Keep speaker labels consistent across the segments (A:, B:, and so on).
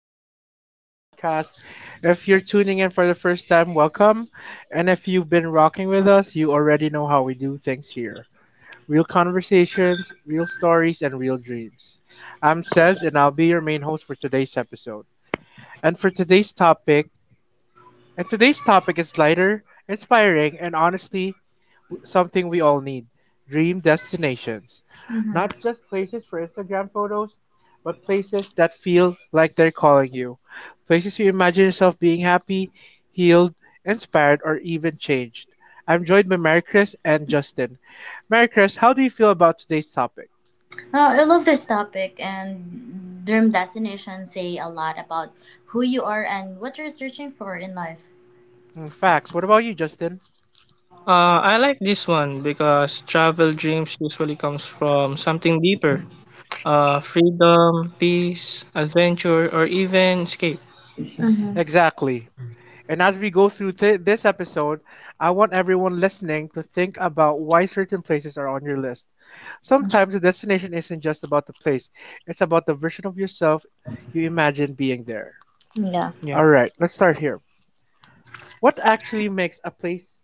A: Welcome back to the podcast. If you're tuning in for the first time, welcome. And if you've been rocking with us, you already know how we do things here real conversations, real stories, and real dreams. I'm Cez, and I'll be your main host for today's episode. And for today's topic, and today's topic is lighter, inspiring, and honestly something we all need dream destinations.
B: Mm-hmm.
A: Not just places for Instagram photos, but places that feel like they're calling you. Places you imagine yourself being happy, healed, inspired, or even changed. I'm joined by Mary Chris and Justin. Mary Chris, how do you feel about today's topic?
B: Well, I love this topic, and dream destinations say a lot about who you are and what you're searching for in life.
A: Mm, facts. What about you, Justin?
C: I like this one because travel dreams usually comes from something deeper. Freedom, peace, adventure, or even escape.
B: Mm-hmm.
A: Exactly. And as we go through this episode, I want everyone listening to think about why certain places are on your list. Sometimes the destination isn't just about the place, it's about the version of yourself you imagine being there.
B: Yeah.
C: Yeah.
A: Alright, let's start here. What actually makes a place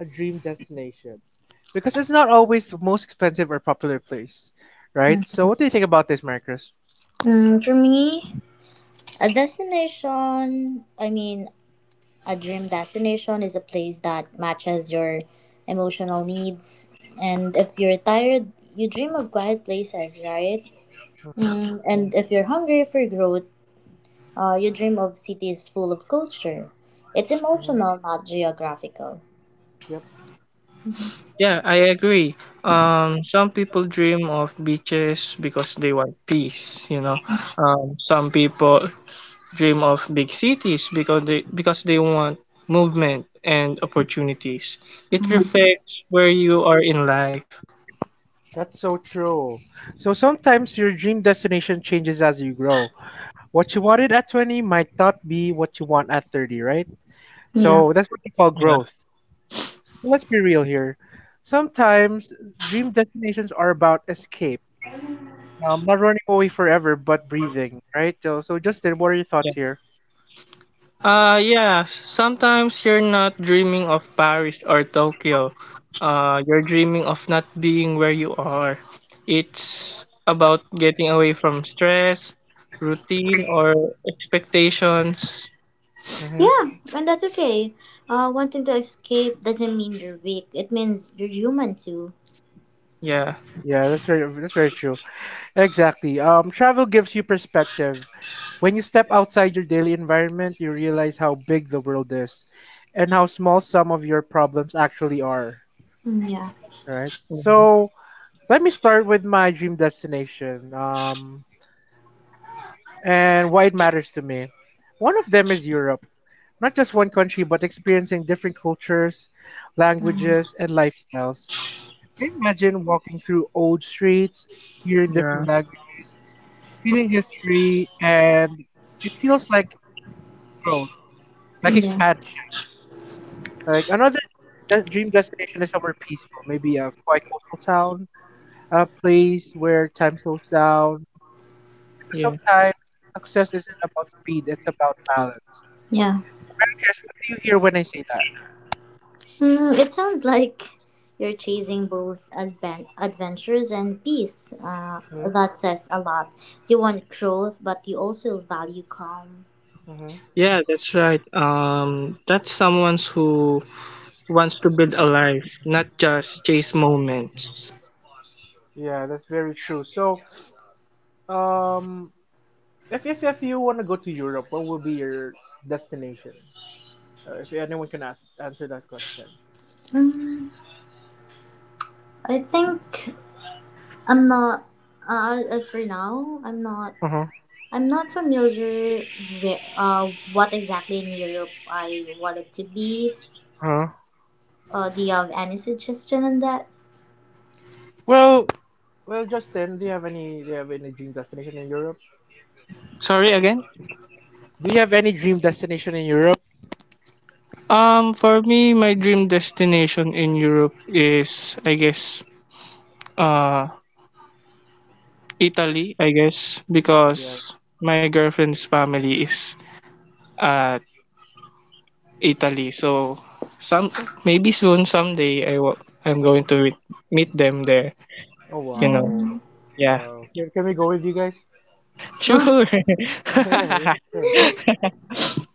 A: a dream destination? Because it's not always the most expensive or popular place, right? So,
B: Mhm.
A: what do you think about this, Marcus?
B: For me, a destination, I mean, a dream destination is a place that matches your emotional needs. And if you're tired, you dream of quiet places, right?
A: Mm-hmm.
B: And if you're hungry for growth, you dream of cities full of culture. It's emotional,
A: Mm-hmm.
B: not geographical.
A: Yep,
C: Yeah, I agree. Some people dream of beaches because they want peace. Some people dream of big cities because they want movement and opportunities. It reflects where you are in life.
A: that's so true. So, sometimes your dream destination changes as you grow. What you wanted at 20 might not be what you want at 30, right?
B: Yeah.
A: So, that's what you call
C: Yeah.
A: growth. So let's be real here. Sometimes dream destinations are about escape, not running away forever, but breathing, right? So, Justin, what are your thoughts
C: Yeah.
A: here?
C: Yeah, sometimes you're not dreaming of Paris or Tokyo. You're dreaming of not being where you are. It's about getting away from stress, routine, or expectations.
A: Hmm.
B: Yeah, and that's okay. Wanting to escape doesn't mean you're weak. It means you're human too.
C: Yeah,
A: Yeah, that's very true. Exactly. Travel gives you perspective. When you step outside your daily environment, you realize how big the world is, and how small some of your problems actually are.
B: Yeah.
A: Right. So let me start with my dream destination, and why it matters to me. One of them is Europe, not just one country, but experiencing different cultures,
B: Mm,
A: languages, and lifestyles. I imagine walking through old streets, hearing
C: yeah,
A: different languages, feeling history, and it feels like growth, like
B: yeah,
A: expansion. Like another dream destination is somewhere peaceful, maybe a quiet coastal town, a place where time slows down. Because
C: yeah.
A: sometimes success isn't about speed; it's about balance.
B: yeah.
A: Mary Chris, what do you hear when I say that?
B: It sounds like you're chasing both adventures and peace.
A: Hmm.
B: That says a lot. You want growth, but you also value calm.
C: Yeah, that's right. That's someone who wants to build a life, not just chase moments.
A: Yeah, that's very true. So, um, if you want to go to Europe, what will be your destination? If anyone can ask, answer that question.
B: Mm, I think I'm not. As for now,
A: Uh-huh.
B: I'm not familiar with what exactly in Europe I want it to be.
A: Uh-huh.
B: Do you have any suggestion on that?
A: Well, Well, Justin, do you have any dream destination in Europe?
C: Sorry again?
A: Do you have any dream destination in Europe?
C: For me, my dream destination in Europe is, I guess, uh Italy, I guess,
A: Yes.
C: because my girlfriend's family is at Italy. So some maybe soon someday I'm going to meet them there,
A: Oh
C: you know.
A: wow.
B: Mm-hmm.
C: Yeah.
A: Wow. Can we go with you guys?
B: Oh,
C: Sure.
A: Yeah, yeah,
C: It's
A: sure.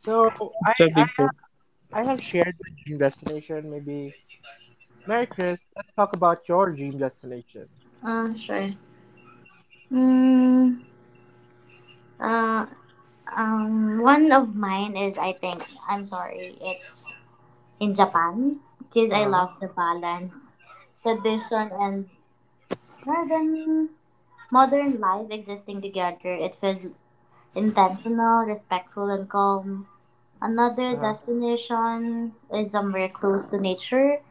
A: So I
C: a big
A: I
C: trip.
A: ha- I have shared my dream destination. Maybe Mary Chris, let's talk about your dream destination.
B: sure. Mm, uh, one of mine is I'm sorry. It's in Japan because I
A: Uh-huh.
B: love the balance, tradition, and modern modern life existing together. It feels intentional, respectful, and calm. Another
A: Uh-huh.
B: destination is somewhere close to nature,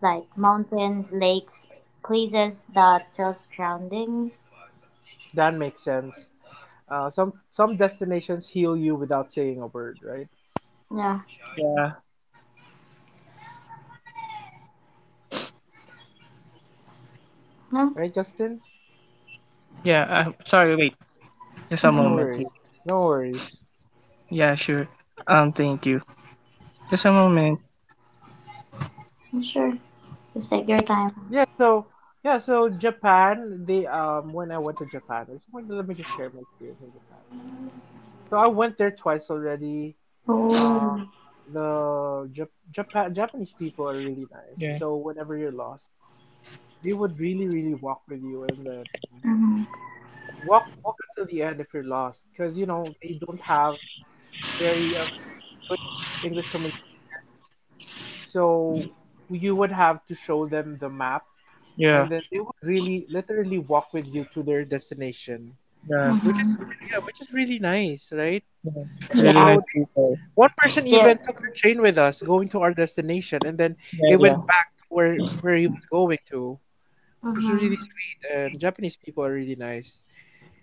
B: like mountains, lakes, places that feels grounding.
A: That makes sense. Some destinations heal you without saying a word, right?
B: Yeah.
C: Yeah.
B: No?
A: Right, Justin?
C: Yeah, I Sorry, wait. Just a
A: No
B: Mm-hmm.
C: moment,
A: worries.
C: please.
A: No worries.
C: Yeah, sure. Um, thank you. Just a moment.
B: Sure. Just take your time.
A: Yeah, so yeah, so Japan, they when I went to Japan, I just wanted to, let me just share my experience in Japan. So I went there twice already. Um
B: Oh.
A: the Jap- Japan Japanese people are really nice.
C: Yeah.
A: So whenever you're lost, they would really walk with you, and then
B: Mm-hmm.
A: walk until the end if you're lost, because you know they don't have very a very good English communication. So you would have to show them the map, and
C: Yeah.
A: then they would really literally walk with you to their destination,
C: Yeah.
A: which is
B: Mm-hmm.
A: yeah, which is really nice, right?
C: Yes. Really
B: Yeah.
A: So
C: nice
A: they
C: people.
A: one person even
B: There.
A: took the train with us going to our destination, and then
C: Yeah,
A: he went
C: yeah.
A: back to where he was going to, which is really
B: Mm-hmm.
A: sweet. And Japanese people are really nice.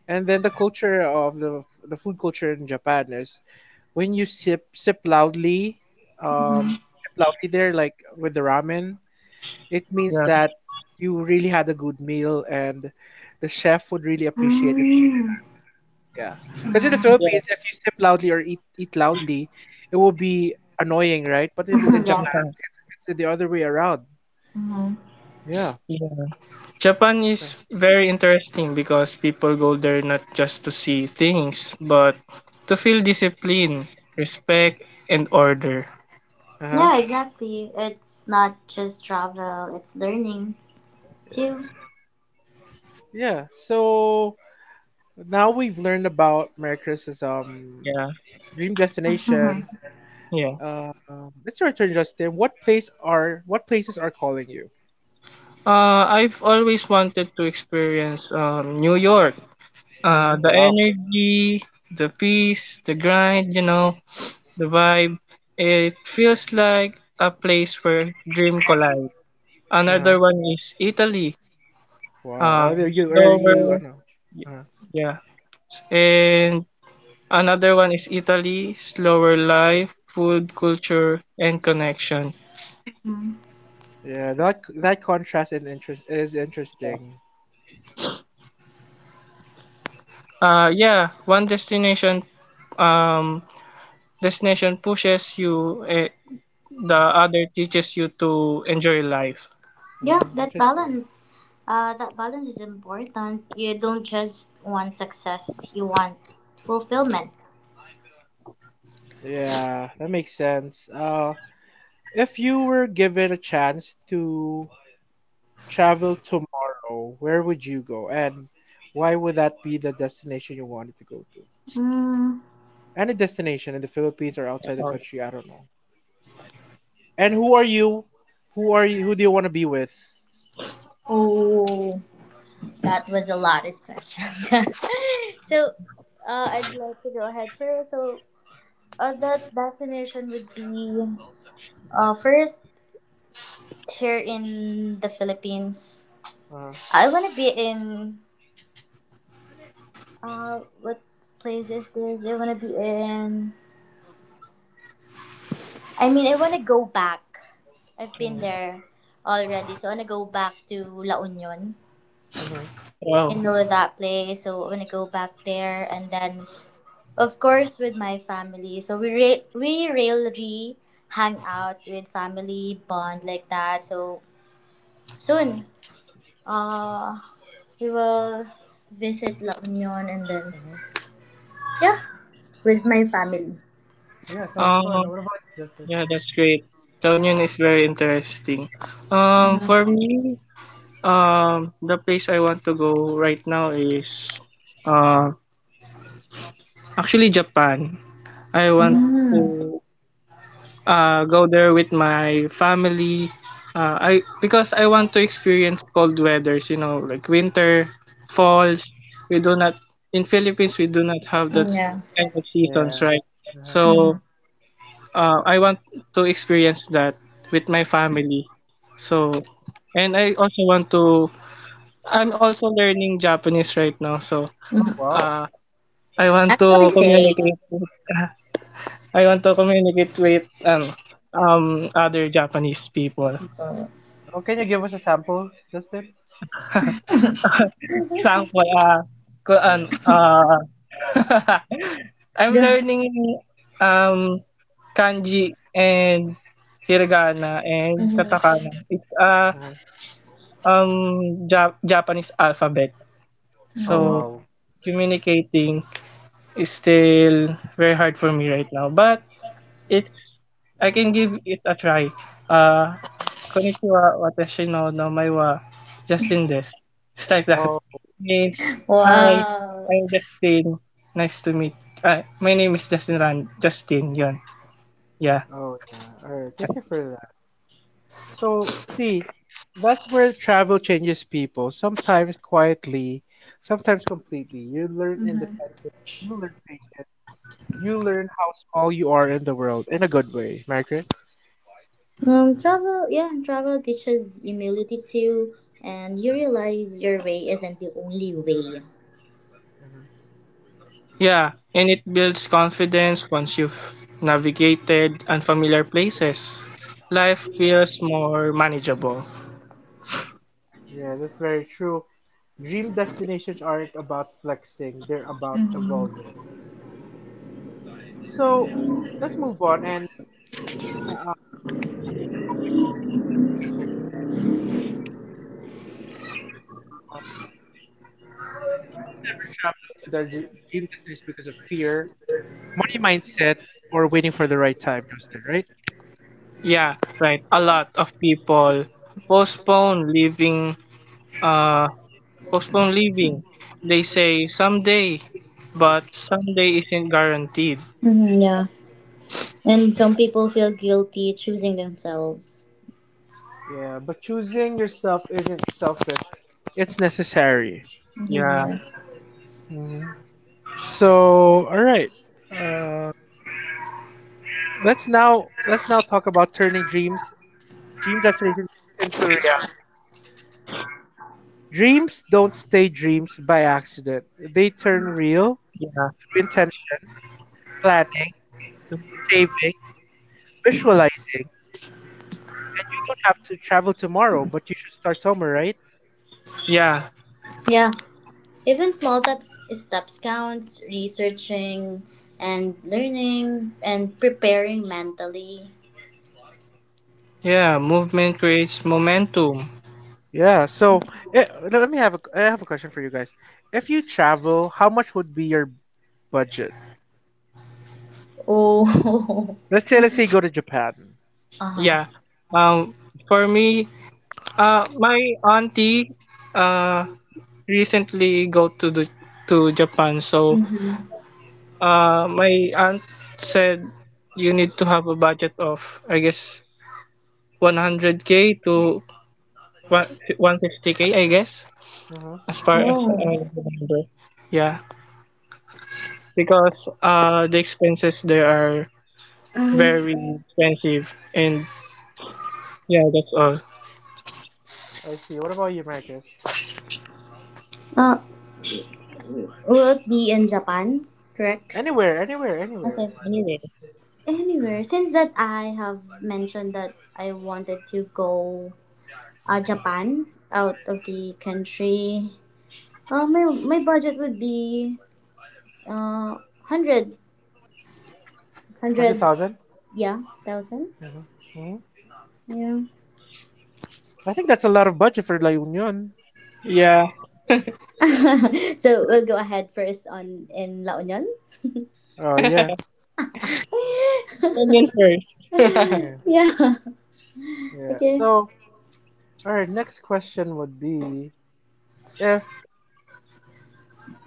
A: And then the food culture in Japan is, when you sip loudly,
B: Mm-hmm.
A: sip loudly there, like with the ramen, it means
C: Yeah.
A: that you really had a good meal, and the chef would really appreciate if you do
B: Mm-hmm.
A: that. Yeah, because in the
C: Yeah.
A: Philippines, if you sip loudly or eat loudly, it will be annoying, right? But in
B: yeah.
A: Japan, it's the other way around.
B: Mm-hmm.
A: Yeah.
C: Yeah. Japan is very interesting because people go there not just to see things, but to feel discipline, respect, and order.
A: Uh-huh.
B: Yeah, exactly. It's not just travel, it's learning too.
A: Yeah, so now we've learned about Merry Christmas,
C: Yeah,
A: dream destination.
C: yeah.
A: Us your turn, Justin. What places are calling you?
C: I've always wanted to experience New York.
A: Hmm.
C: The
A: Wow.
C: energy, the peace, the grind, you know, the vibe. It feels like a place where dream collide.
A: Uh-huh.
C: Another one is Italy.
A: Wow.
C: Uh,
A: Or you I
C: Slower,
A: know. Uh-huh.
C: yeah. And another one is Italy, slower life, food, culture, and connection.
B: Mm-hmm.
A: Yeah, that contrast and interest is interesting.
C: Yeah, one destination um, destination pushes you, eh, the other teaches you to enjoy life.
B: Yeah,
A: Hmm.
B: that's
A: Interesting.
B: balance. That balance is important. You don't just want success, you want fulfillment.
A: Yeah, that makes sense. If you were given a chance to travel tomorrow, where would you go, and why would that be the destination you wanted to go to?
B: Mm.
A: Any destination in the Philippines or outside the
C: Oh,
A: country, I don't know. And who are you? Who do you want to be with?
B: Oh, that was a lot of questions.
A: uh-huh.
B: so, I'd like to go ahead first. So, that destination would be first, here in the Philippines.
A: Uh-huh.
B: I want to be in what place is this? I want to go back. I've been there already. So I wanna go back to La Union.
A: Uh-huh.
C: wow.
B: You know that place. So I wanna go back there and then of course with my family. So we really hang out with family bond like that. So soon uh we will visit La Union and then
A: Uh-huh.
B: yeah, with my family.
A: Yeah, sounds fun.
C: Um,
A: What about you, Justice?
C: yeah, that's great. The Union is very interesting. For
B: Mm-hmm.
C: me, the place I want to go right now is uh, actually Japan. I want
A: Uh-huh.
C: to
B: Mm-hmm.
C: go there with my family. I because I want to experience cold weathers, you know, like winter,
A: Uh-huh.
C: falls. We do not in Philippines we do not have that
B: Yeah.
C: kind of
A: Yeah.
C: seasons, right?
A: Uh-huh.
B: Mm-hmm.
C: So I want to experience that with my family. So and I also want to. I'm also learning Japanese right now, so
A: Oh wow.
C: uh, I want
B: Actually
C: to
B: same.
C: communicate with I want to communicate with other Japanese people.
A: Oh, can you give us a sample, Justin?
C: Example, uh, ko,
A: Yeah.
C: an- uh, I'm learning um kanji and hiragana and
B: mm-hmm.
C: katakana. It's a
A: Uh-huh.
C: Japanese alphabet.
A: Oh
B: Mm-hmm.
C: So
A: wow.
C: communicating is still very hard for me right now, but it's I can give it a try. Uh, Konnichiwa, watashi no namae wa Justin desu. It's like that.
A: Oh.
C: Means,
A: Oh nice.
C: hi,
B: Wow.
C: I'm Justin. Nice to meet. My name is Justin Ran. Justin, yon. Yeah.
A: Oh yeah. Alright, thank you for that. So see, that's where travel changes people, sometimes quietly, sometimes completely. You learn
B: Mm-hmm.
A: independence, you learn patience, you learn how small you are in the world, in a good way, Margaret.
B: Travel, yeah, travel teaches humility too, and you realize your way isn't the only way.
C: Yeah, and it builds confidence once you've navigated unfamiliar places. Life feels more manageable.
A: Yeah, that's very true. Dream destinations aren't about flexing, they're about
B: Mm-hmm.
A: evolving. So, let's move on and talk about why some people never chase their dream destinations. Um, people never travel to their dream destinations because of fear, money mindset, or waiting for the right time, Justin, right?
C: Yeah, right. A lot of people postpone leaving uh, postpone leaving. They say someday, but someday isn't guaranteed.
B: Mm-hmm, yeah, and some people feel guilty choosing themselves.
A: Yeah, but choosing yourself isn't selfish. It's necessary.
B: Mm-hmm,
C: Yeah,
B: yeah.
A: Hmm. So, all right. Uh, let's now talk about turning dream destinations into reality. Dreams don't stay dreams by accident. They turn real
C: yeah,
A: through intention, planning, saving, visualizing, and you don't have to travel tomorrow, but you should start somewhere, right?
C: yeah,
B: Yeah, even steps counts, researching and learning and preparing mentally.
C: yeah. Movement creates momentum.
A: Yeah, so let me have a, I have a question for you guys. If you travel, how much would be your budget?
B: Oh,
A: Let's say you go to Japan.
B: uh huh.
C: Yeah. Um, for me, my auntie, uh, recently go to the to Japan. So,
B: Mm-hmm.
C: my aunt said you need to have a budget of I guess 100k to one 150k. I guess
A: Mm-hmm.
C: as far
A: Yep,
C: as
B: Oh.
C: I remember. Yeah, because the expenses there are very expensive, and yeah, that's all.
A: I see. What about you, Marcus?
B: Uh, will it be in Japan? Correct.
A: Anywhere, anywhere, anywhere.
B: Okay.
C: Anyway,
B: Anywhere, since that I have mentioned that I wanted to go, Japan, out of the country. My budget would be uh hundred
A: Hundred
B: hundred
A: thousand.
B: yeah, thousand.
A: Mm-hmm. Mm-hmm.
B: Yeah.
A: I think that's a lot of budget for La Union,
C: yeah,
B: so
A: right?
B: we'll go ahead first on in La Union.
A: Oh yeah.
C: opinion first.
A: Yeah,
B: yeah.
A: yeah.
B: Okay.
A: So, all right. Next question would be, if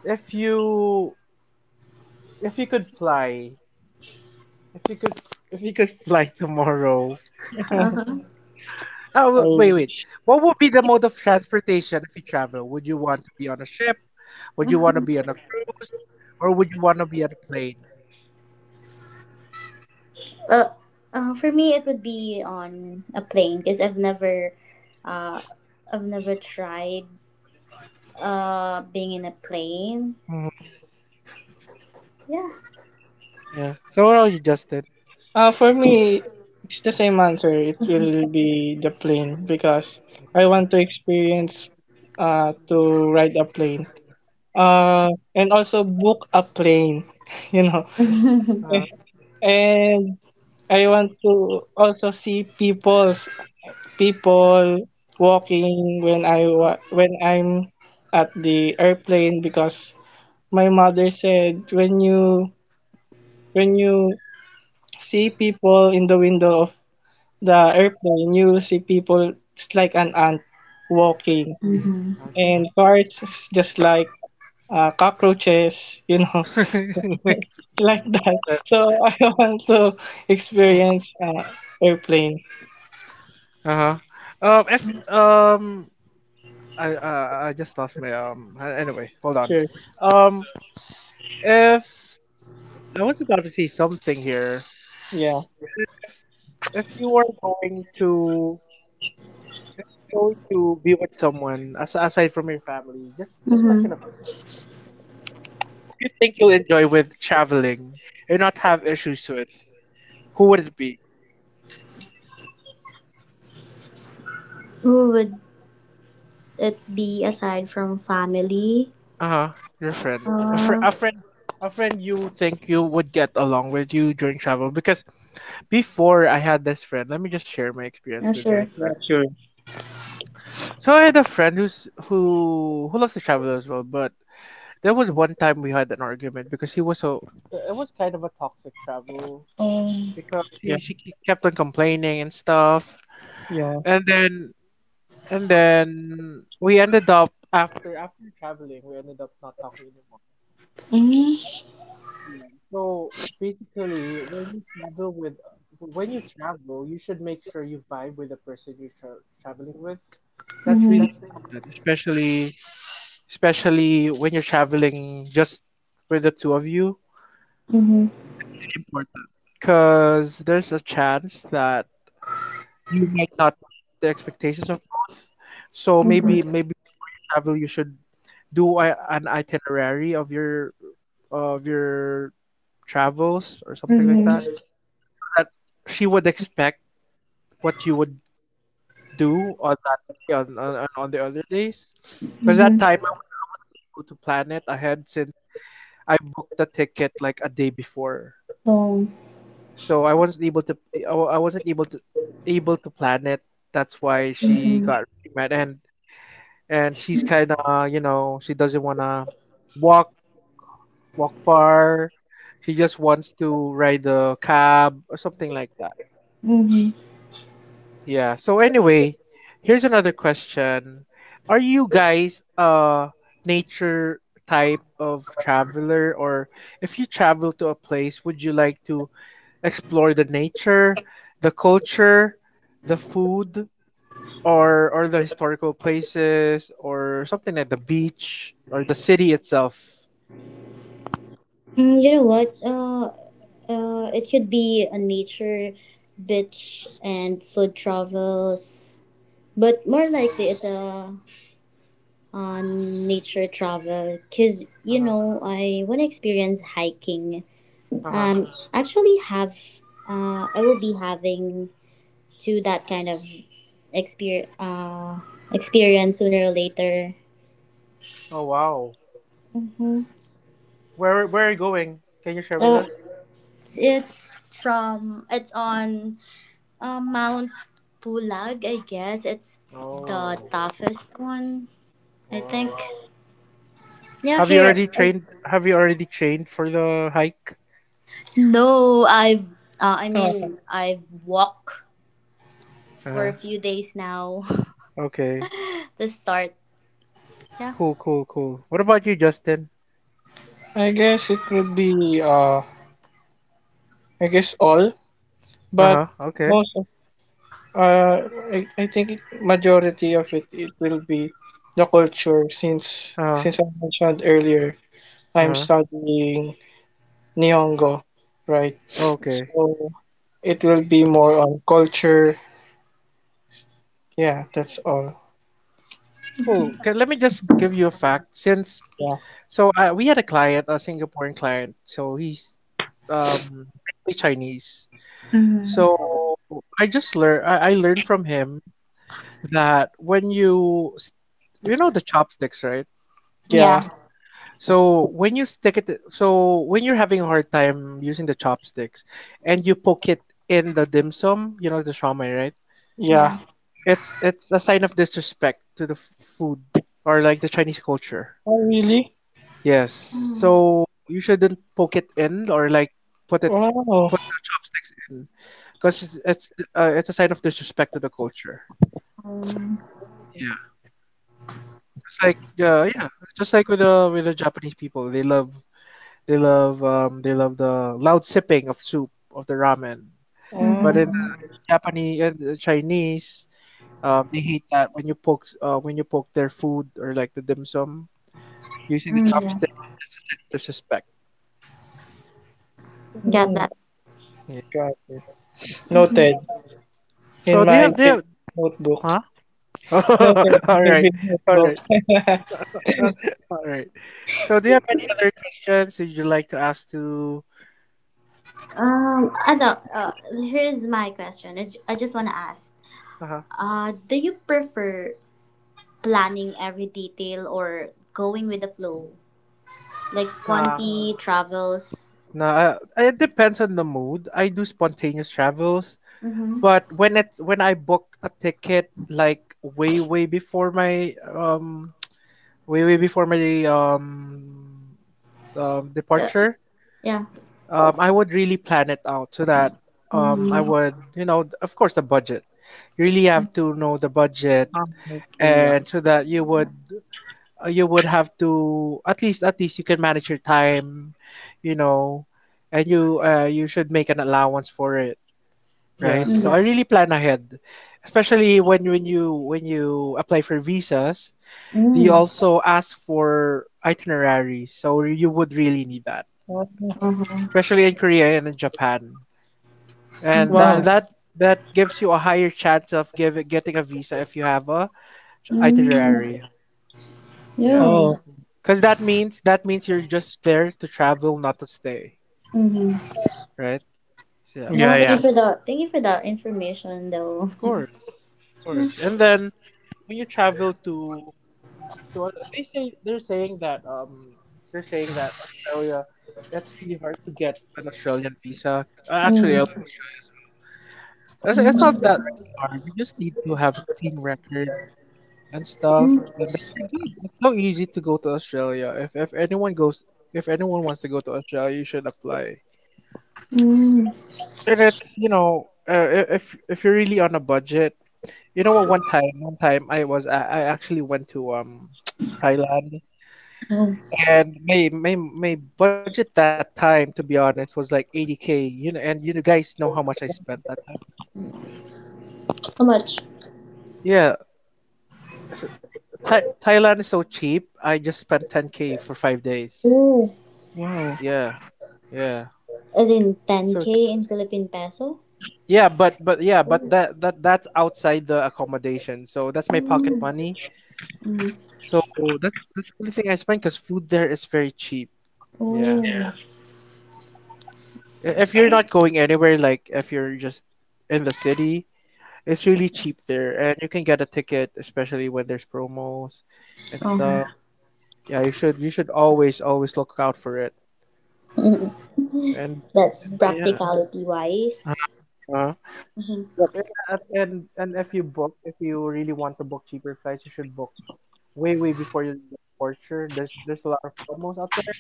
A: if you if you could fly If you could, if you could fly tomorrow.
B: Uh-huh.
A: Oh,
C: I
A: wait, wait.
C: wish.
A: What would be the mode of transportation if you travel? Would you want to be on a ship? Would you want to be on a cruise? Or would you want to be on a plane?
B: Uh, for me, it would be on a plane because uh, I've never tried being in a plane.
A: Hmm.
B: Yeah.
A: Yeah. So what are you, Justin?
C: For me, it's the same answer. It will be the plane because I want to experience to ride a plane. Uh, and also book a plane. You know,
B: mm-hmm.
A: Uh-huh.
C: and I want to also see people walking when I'm at the airplane because my mother said when you see people in the window of the airplane you will see people it's like an ant walking
B: Mm-hmm.
A: I see.
C: and cars is just like cockroaches you know like that
A: yeah.
C: so I want to experience airplane
A: Uh-huh. If, I just lost my, anyway, hold on.
C: sure.
A: Um, if, I was about to say something here.
C: Yeah,
A: If if you are going to if you're going to be with someone aside from your family, just mention a friend. You can mention a friend who you think you'll enjoy with traveling and not have issues with. Who would it be?
B: Who would it be aside from family?
A: Uh huh. Your friend. A
B: Uh,
A: friend. A friend you think you would get along with you during travel, because before I had this friend, let me just share my experience
B: not
A: with my
B: sure.
C: yeah,
A: friend.
C: sure.
A: So I had a friend who loves to travel as well, but there was one time we had an argument, because he was so. Th- It was kind of a toxic travel,
B: Um.
A: because
C: Yeah,
A: kept on complaining and stuff,
C: yeah.
A: and then and then we ended up, after traveling, we ended up not talking anymore.
B: Mm-hmm.
A: Yeah. So basically, when you travel, you should make sure you vibe with the person you're traveling with. That's really
B: Mm-hmm.
A: important, especially when you're traveling just with the two of you.
B: Mm-hmm.
A: It's really important because there's a chance that you might not meet the expectations of both. So maybe
B: Mm-hmm.
A: before you travel, you should do an itinerary of your travels or something like that,
B: Mm-hmm.
A: so that she would expect what you would do on that day, on the other days. Because that
B: Mm-hmm.
A: time I wasn't able to plan it ahead, since I booked the ticket like a day before.
B: Oh.
A: So I wasn't able to plan it. That's why she
B: Mm-hmm.
A: got really mad, and she's kind of, she doesn't want to walk walk far. She just wants to ride the cab or something like that.
B: Mm-hmm.
A: Yeah. So anyway, here's another question. Are you guys a nature type of traveler, or if you travel to a place, would you like to explore the nature, the culture, the food, or the historical places, or something like the beach or the city itself?
B: You know what? It could be a nature, beach, and food travels. But more likely, it's a on nature travel, because you
A: Uh-huh.
B: know I want to experience hiking.
A: Uh-huh.
B: Um, actually have I will be having to that kind of exper uh, experience sooner or later.
A: Oh wow.
B: Mm-hmm.
A: Where are you going? Can you share with
B: Uh,
A: us?
B: it's on Mount Pulag, I guess. It's
A: Oh.
B: the toughest one, I
A: Wow.
B: think. Yeah,
A: Have you already
B: here.
A: trained? Have you already trained for the hike?
B: No, I've.
C: Uh,
B: I've walked
A: Uh
B: for
A: huh.
B: a few days now
A: Okay.
B: to start. Yeah.
A: Cool, cool, cool. What about you, Justin?
C: I guess it would be I guess all,
A: Uh
C: but
A: huh. Okay.
C: most of uh I think it, majority of it it will be the culture since
A: Uh huh.
C: since I mentioned earlier
A: Uh
C: I'm
A: huh.
C: studying Nihongo, right?
A: Okay.
C: So it will be more on culture. Yeah, that's all.
A: Cool. Okay, let me just give you a fact.
C: Yeah,
A: I we had a client, a Singaporean client. So he's basically Chinese.
B: Mm-hmm.
A: So I just learned I learned from him that you know the chopsticks, right?
B: Yeah.
C: yeah,
A: So when you're having a hard time using the chopsticks, and you poke it in the dim sum, you know the shawmai, right?
C: yeah.
B: Yeah.
A: It's a sign of disrespect to the food, or like the Chinese culture.
C: Oh really?
A: Yes.
B: Um,
A: So you shouldn't poke it in, or like put it,
C: Wow.
A: put the chopsticks in because it's a sign of disrespect to the culture. Yeah, yeah, just like with the Japanese people, they love they love the loud sipping of soup, of the ramen. But
C: Oh,
A: in
B: mm-hmm.
A: the Japanese and the Chinese, they hate that when you poke their food or like the dim sum using the
B: Mm, yeah.
A: chopsticks. It's a sign of disrespect.
B: Get
C: mm,
B: that.
A: Yeah.
C: got it.
A: Uh
B: Mm-hmm.
C: Noted.
A: huh. So
C: In
A: do you
C: my
A: have do you
C: big
A: have,
C: notebook.
A: huh?
C: Okay,
A: All
C: my
A: right,
C: big
A: all
C: notebook.
A: right. All right. So, do you have any other questions that you'd like to ask to me or anyone?
B: Here's my question. Is I just want to ask.
A: Uh-huh.
B: Do you prefer planning every detail or going with the flow, like
A: Nah.
B: sponty travels?
A: Nah, it depends on the mood. I do spontaneous travels,
B: Mm-hmm.
A: but when I book a ticket like way way before my um way way before my
B: Uh,
A: departure,
B: yeah.
A: I would really plan it out so that I
B: Mm-hmm.
A: would, you know, of course, the budget. You really have to know the budget,
C: Ah, okay, yeah.
A: and so that you would have to, at least at least, you can manage your time, you know, and you should make an allowance for it,
C: Yeah.
A: right? So
B: Yeah.
A: I really plan ahead, especially when you apply for visas. They
B: Mm.
A: also ask for itineraries, so you would really need that,
C: Oh,
B: Uh-huh.
A: especially in Korea and in Japan. And
C: wow.
A: that
B: Mm-hmm.
A: that that gives you a higher chance of getting a visa if you have a
B: Mm.
A: itinerary. Yeah.
B: Yeah.
C: Oh,
A: Cause that means you're just there to travel, not to stay,
B: Mm-hmm.
A: right? So, yeah.
C: yeah,
B: No, thank you
C: yeah.
B: for that information though.
A: Of course, of
B: Yeah.
A: course. And then when you travel to they're saying that Australia, that's really hard to get an Australian visa. Actually, I love
B: Mm.
A: Australia as well.
B: Mm.
A: It's not that really hard. You just need to have a clean record and stuff,
B: Mm.
A: and then you're good. It's so easy to go to Australia. If anyone goes, if anyone wants to go to Australia, you should apply.
B: Mm.
A: And it's, you know, if you're really on a budget, you know what? One time I actually went to Thailand,
B: Oh.
A: and my budget that time, to be honest, was like 80K. You know, and you guys know how much I spent that time.
B: How much?
A: Yeah, so, Thailand is so cheap. I just spent 10K for 5 days.
B: Oh,
C: Wow.
A: Yeah, yeah.
B: as in
A: So ch-
B: 10k in Philippine peso?
A: yeah, but
B: Oh.
A: that's outside the accommodation. So that's my pocket
B: Mm.
A: money.
B: Mm.
A: So that's the only thing I spend because food there is very cheap. Yeah.
B: Oh. Yeah.
A: I- If you're not going anywhere, like if you're just in the city, it's really cheap there, and you can get a ticket, especially when there's promos and
B: Uh-huh.
A: stuff. Yeah, you should, you should always always look out for it.
B: Mm.
A: Oh, and
B: That's
A: yeah.
B: practicality wise.
A: Uh-huh. Uh-huh.
B: Mm-hmm.
A: Yep. And and if you book, if you really want to book cheaper flights, you should book way way before your jet departure. There's a lot of promos out there.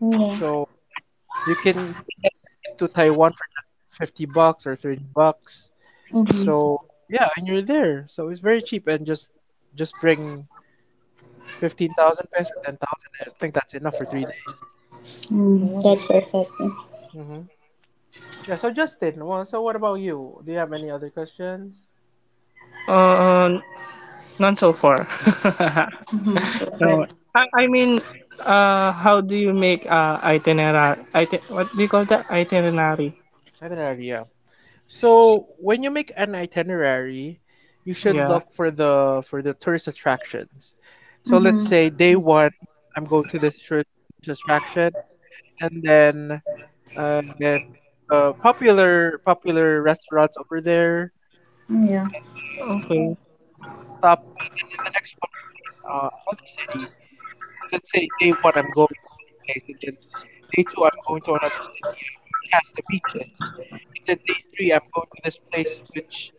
B: Yeah.
A: So you can, you can get a ticket to Taiwan for just 50 bucks or 30 bucks.
B: Mm-hmm.
A: So, yeah, and you're there. So, it's very cheap, and just bring 15,000 pesos or 10,000, I think that's enough for 3 days.
B: Mm.
C: Wow.
B: That's perfect.
A: Mhm. Yeah, so Justin, well, so what about you? Do you have any other questions?
C: Uh, None so far.
B: Mm-hmm.
C: No.
B: Perfect.
C: I, I mean, how do you make itinerary? What do you call that? Itinerary.
A: Itinerary, yeah. So, when you make an itinerary, you should
C: Yeah.
A: look for the tourist attractions. So let's say
B: Mm-hmm.
A: day one, I'm going to this tourist attraction, and then and then the popular popular restaurants over there,
B: Yeah.
A: and
C: Okay.
A: then top, and then the next one would be an, another city. So let's say day one, I'm going to this place, and then day two I'm going to another city, which has the beaches. And then day three I'm going to this place which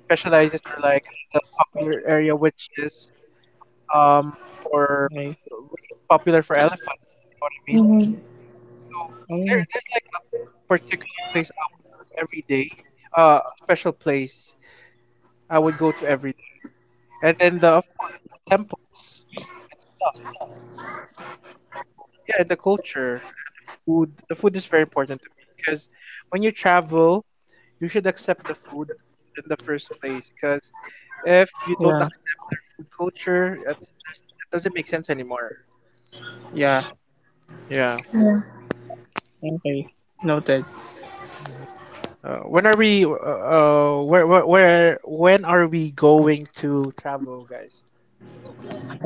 A: specializes, or like has a popular area which is for with
C: Okay.
A: which is popular for elephants, you know what I mean?
B: Mm-hmm.
A: So there
C: Oh,
A: there's like a particular place I would go every day, a special place I would go to every day. And then the of course the temples and stuff. So yeah, and the culture and the food. The food is very important to me because when you travel, you should accept the food in the first place, because if you don't
C: yeah.
A: accept their food culture, it doesn't make sense anymore.
C: Yeah.
A: Yeah.
B: Yeah.
C: Okay. Noted.
A: Mm-hmm. When are we? Where, where? When are we going to travel, guys?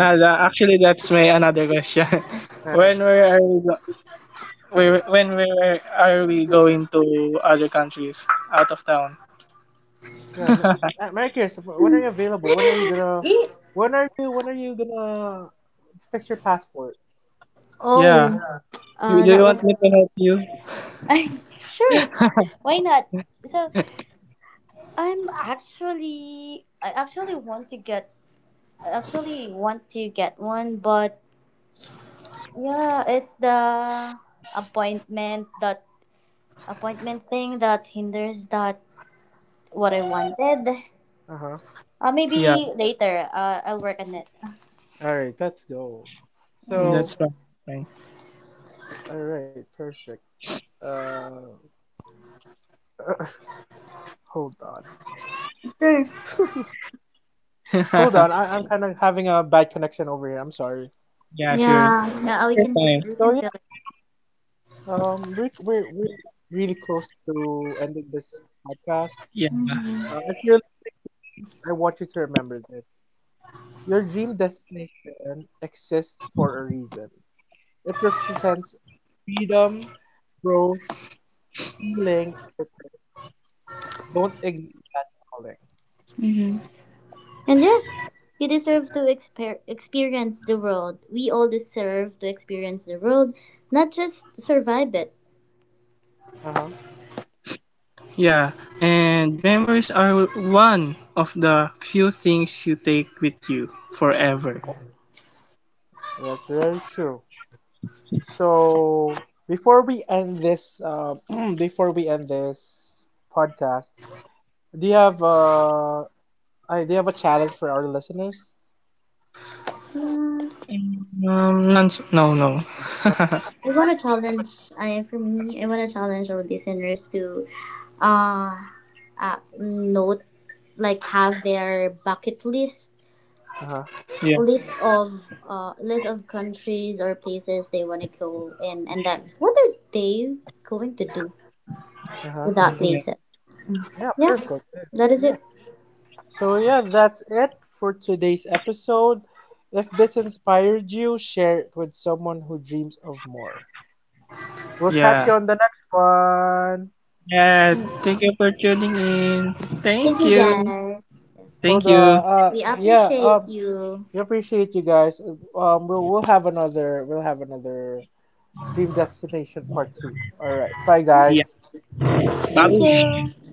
C: Actually, that's my another question.
A: Uh,
C: When were you? Where when where are we going to other countries out of town?
A: Mary Chris, when are you available? When are you gonna?
B: Eh?
A: When are you? When are you gonna fix your passport?
C: Yeah.
B: Oh.
C: You, do you
B: That
C: want me
B: was
C: to help you?
B: sure, why not? So I actually want to get one, but yeah, it's the appointment that appointment thing that hinders that what I wanted.
A: Uh huh.
C: Yeah,
B: Maybe later. I'll work on it.
A: All right, let's go.
B: Yeah.
C: that's
A: So,
C: fine. Fine.
A: all right, perfect. Uh, hold
B: Sure.
A: on. Hold on, I'm kind of having a bad connection over here. I'm sorry.
C: Yeah, sure.
B: Yeah. Yeah.
C: You're
B: We can.
C: fine.
B: We can
A: So
B: feel it.
A: yeah, um, we're really close to ending this podcast.
C: Yeah.
B: Mm-hmm.
A: If you're listening to this, I want you to remember this. Your dream destination exists for a reason. It represents freedom, growth, healing, or purpose. Don't ignore that calling.
B: Mm-hmm. And yes, you deserve to experience the world. We all deserve to experience the world, not just survive it.
A: Uh huh.
C: Yeah. And memories are one of the few things you take with you forever.
A: That's very true. So before we end this, before we end this podcast, do you have, I do you have a challenge for our listeners?
B: Uh,
C: None, No, no.
A: None so far.
B: I
A: All
B: want
A: right,
B: to
A: I give them a
B: challenge,
A: challenge.
B: I, for
A: Uh huh.
B: me, I want to challenge our listeners to uh, note, like have their bucket list,
A: Uh huh.
C: Yeah,
B: list of list of countries or places they want to go in, and then what are they going to do
A: Uh huh.
B: without
C: yeah,
B: places.
A: Yeah,
B: Yeah,
A: perfect. This—
B: that is
A: Yeah.
B: it.
A: So yeah, that's it for today's episode. If this inspired you, share it with someone who dreams of more. We'll catch
C: yeah.
A: you on the next one.
C: Yeah, thank you for tuning in.
B: Thank
C: Thank
B: you,
C: you.
B: guys.
C: Thank
A: Hold
C: you.
A: on.
B: We
A: Yeah.
B: appreciate you.
A: We appreciate you guys. We'll have another, we'll have another dream destination part two. All right. Bye,
B: Yeah.
C: Yeah,
A: guys.
B: Thank
C: babush.
B: you.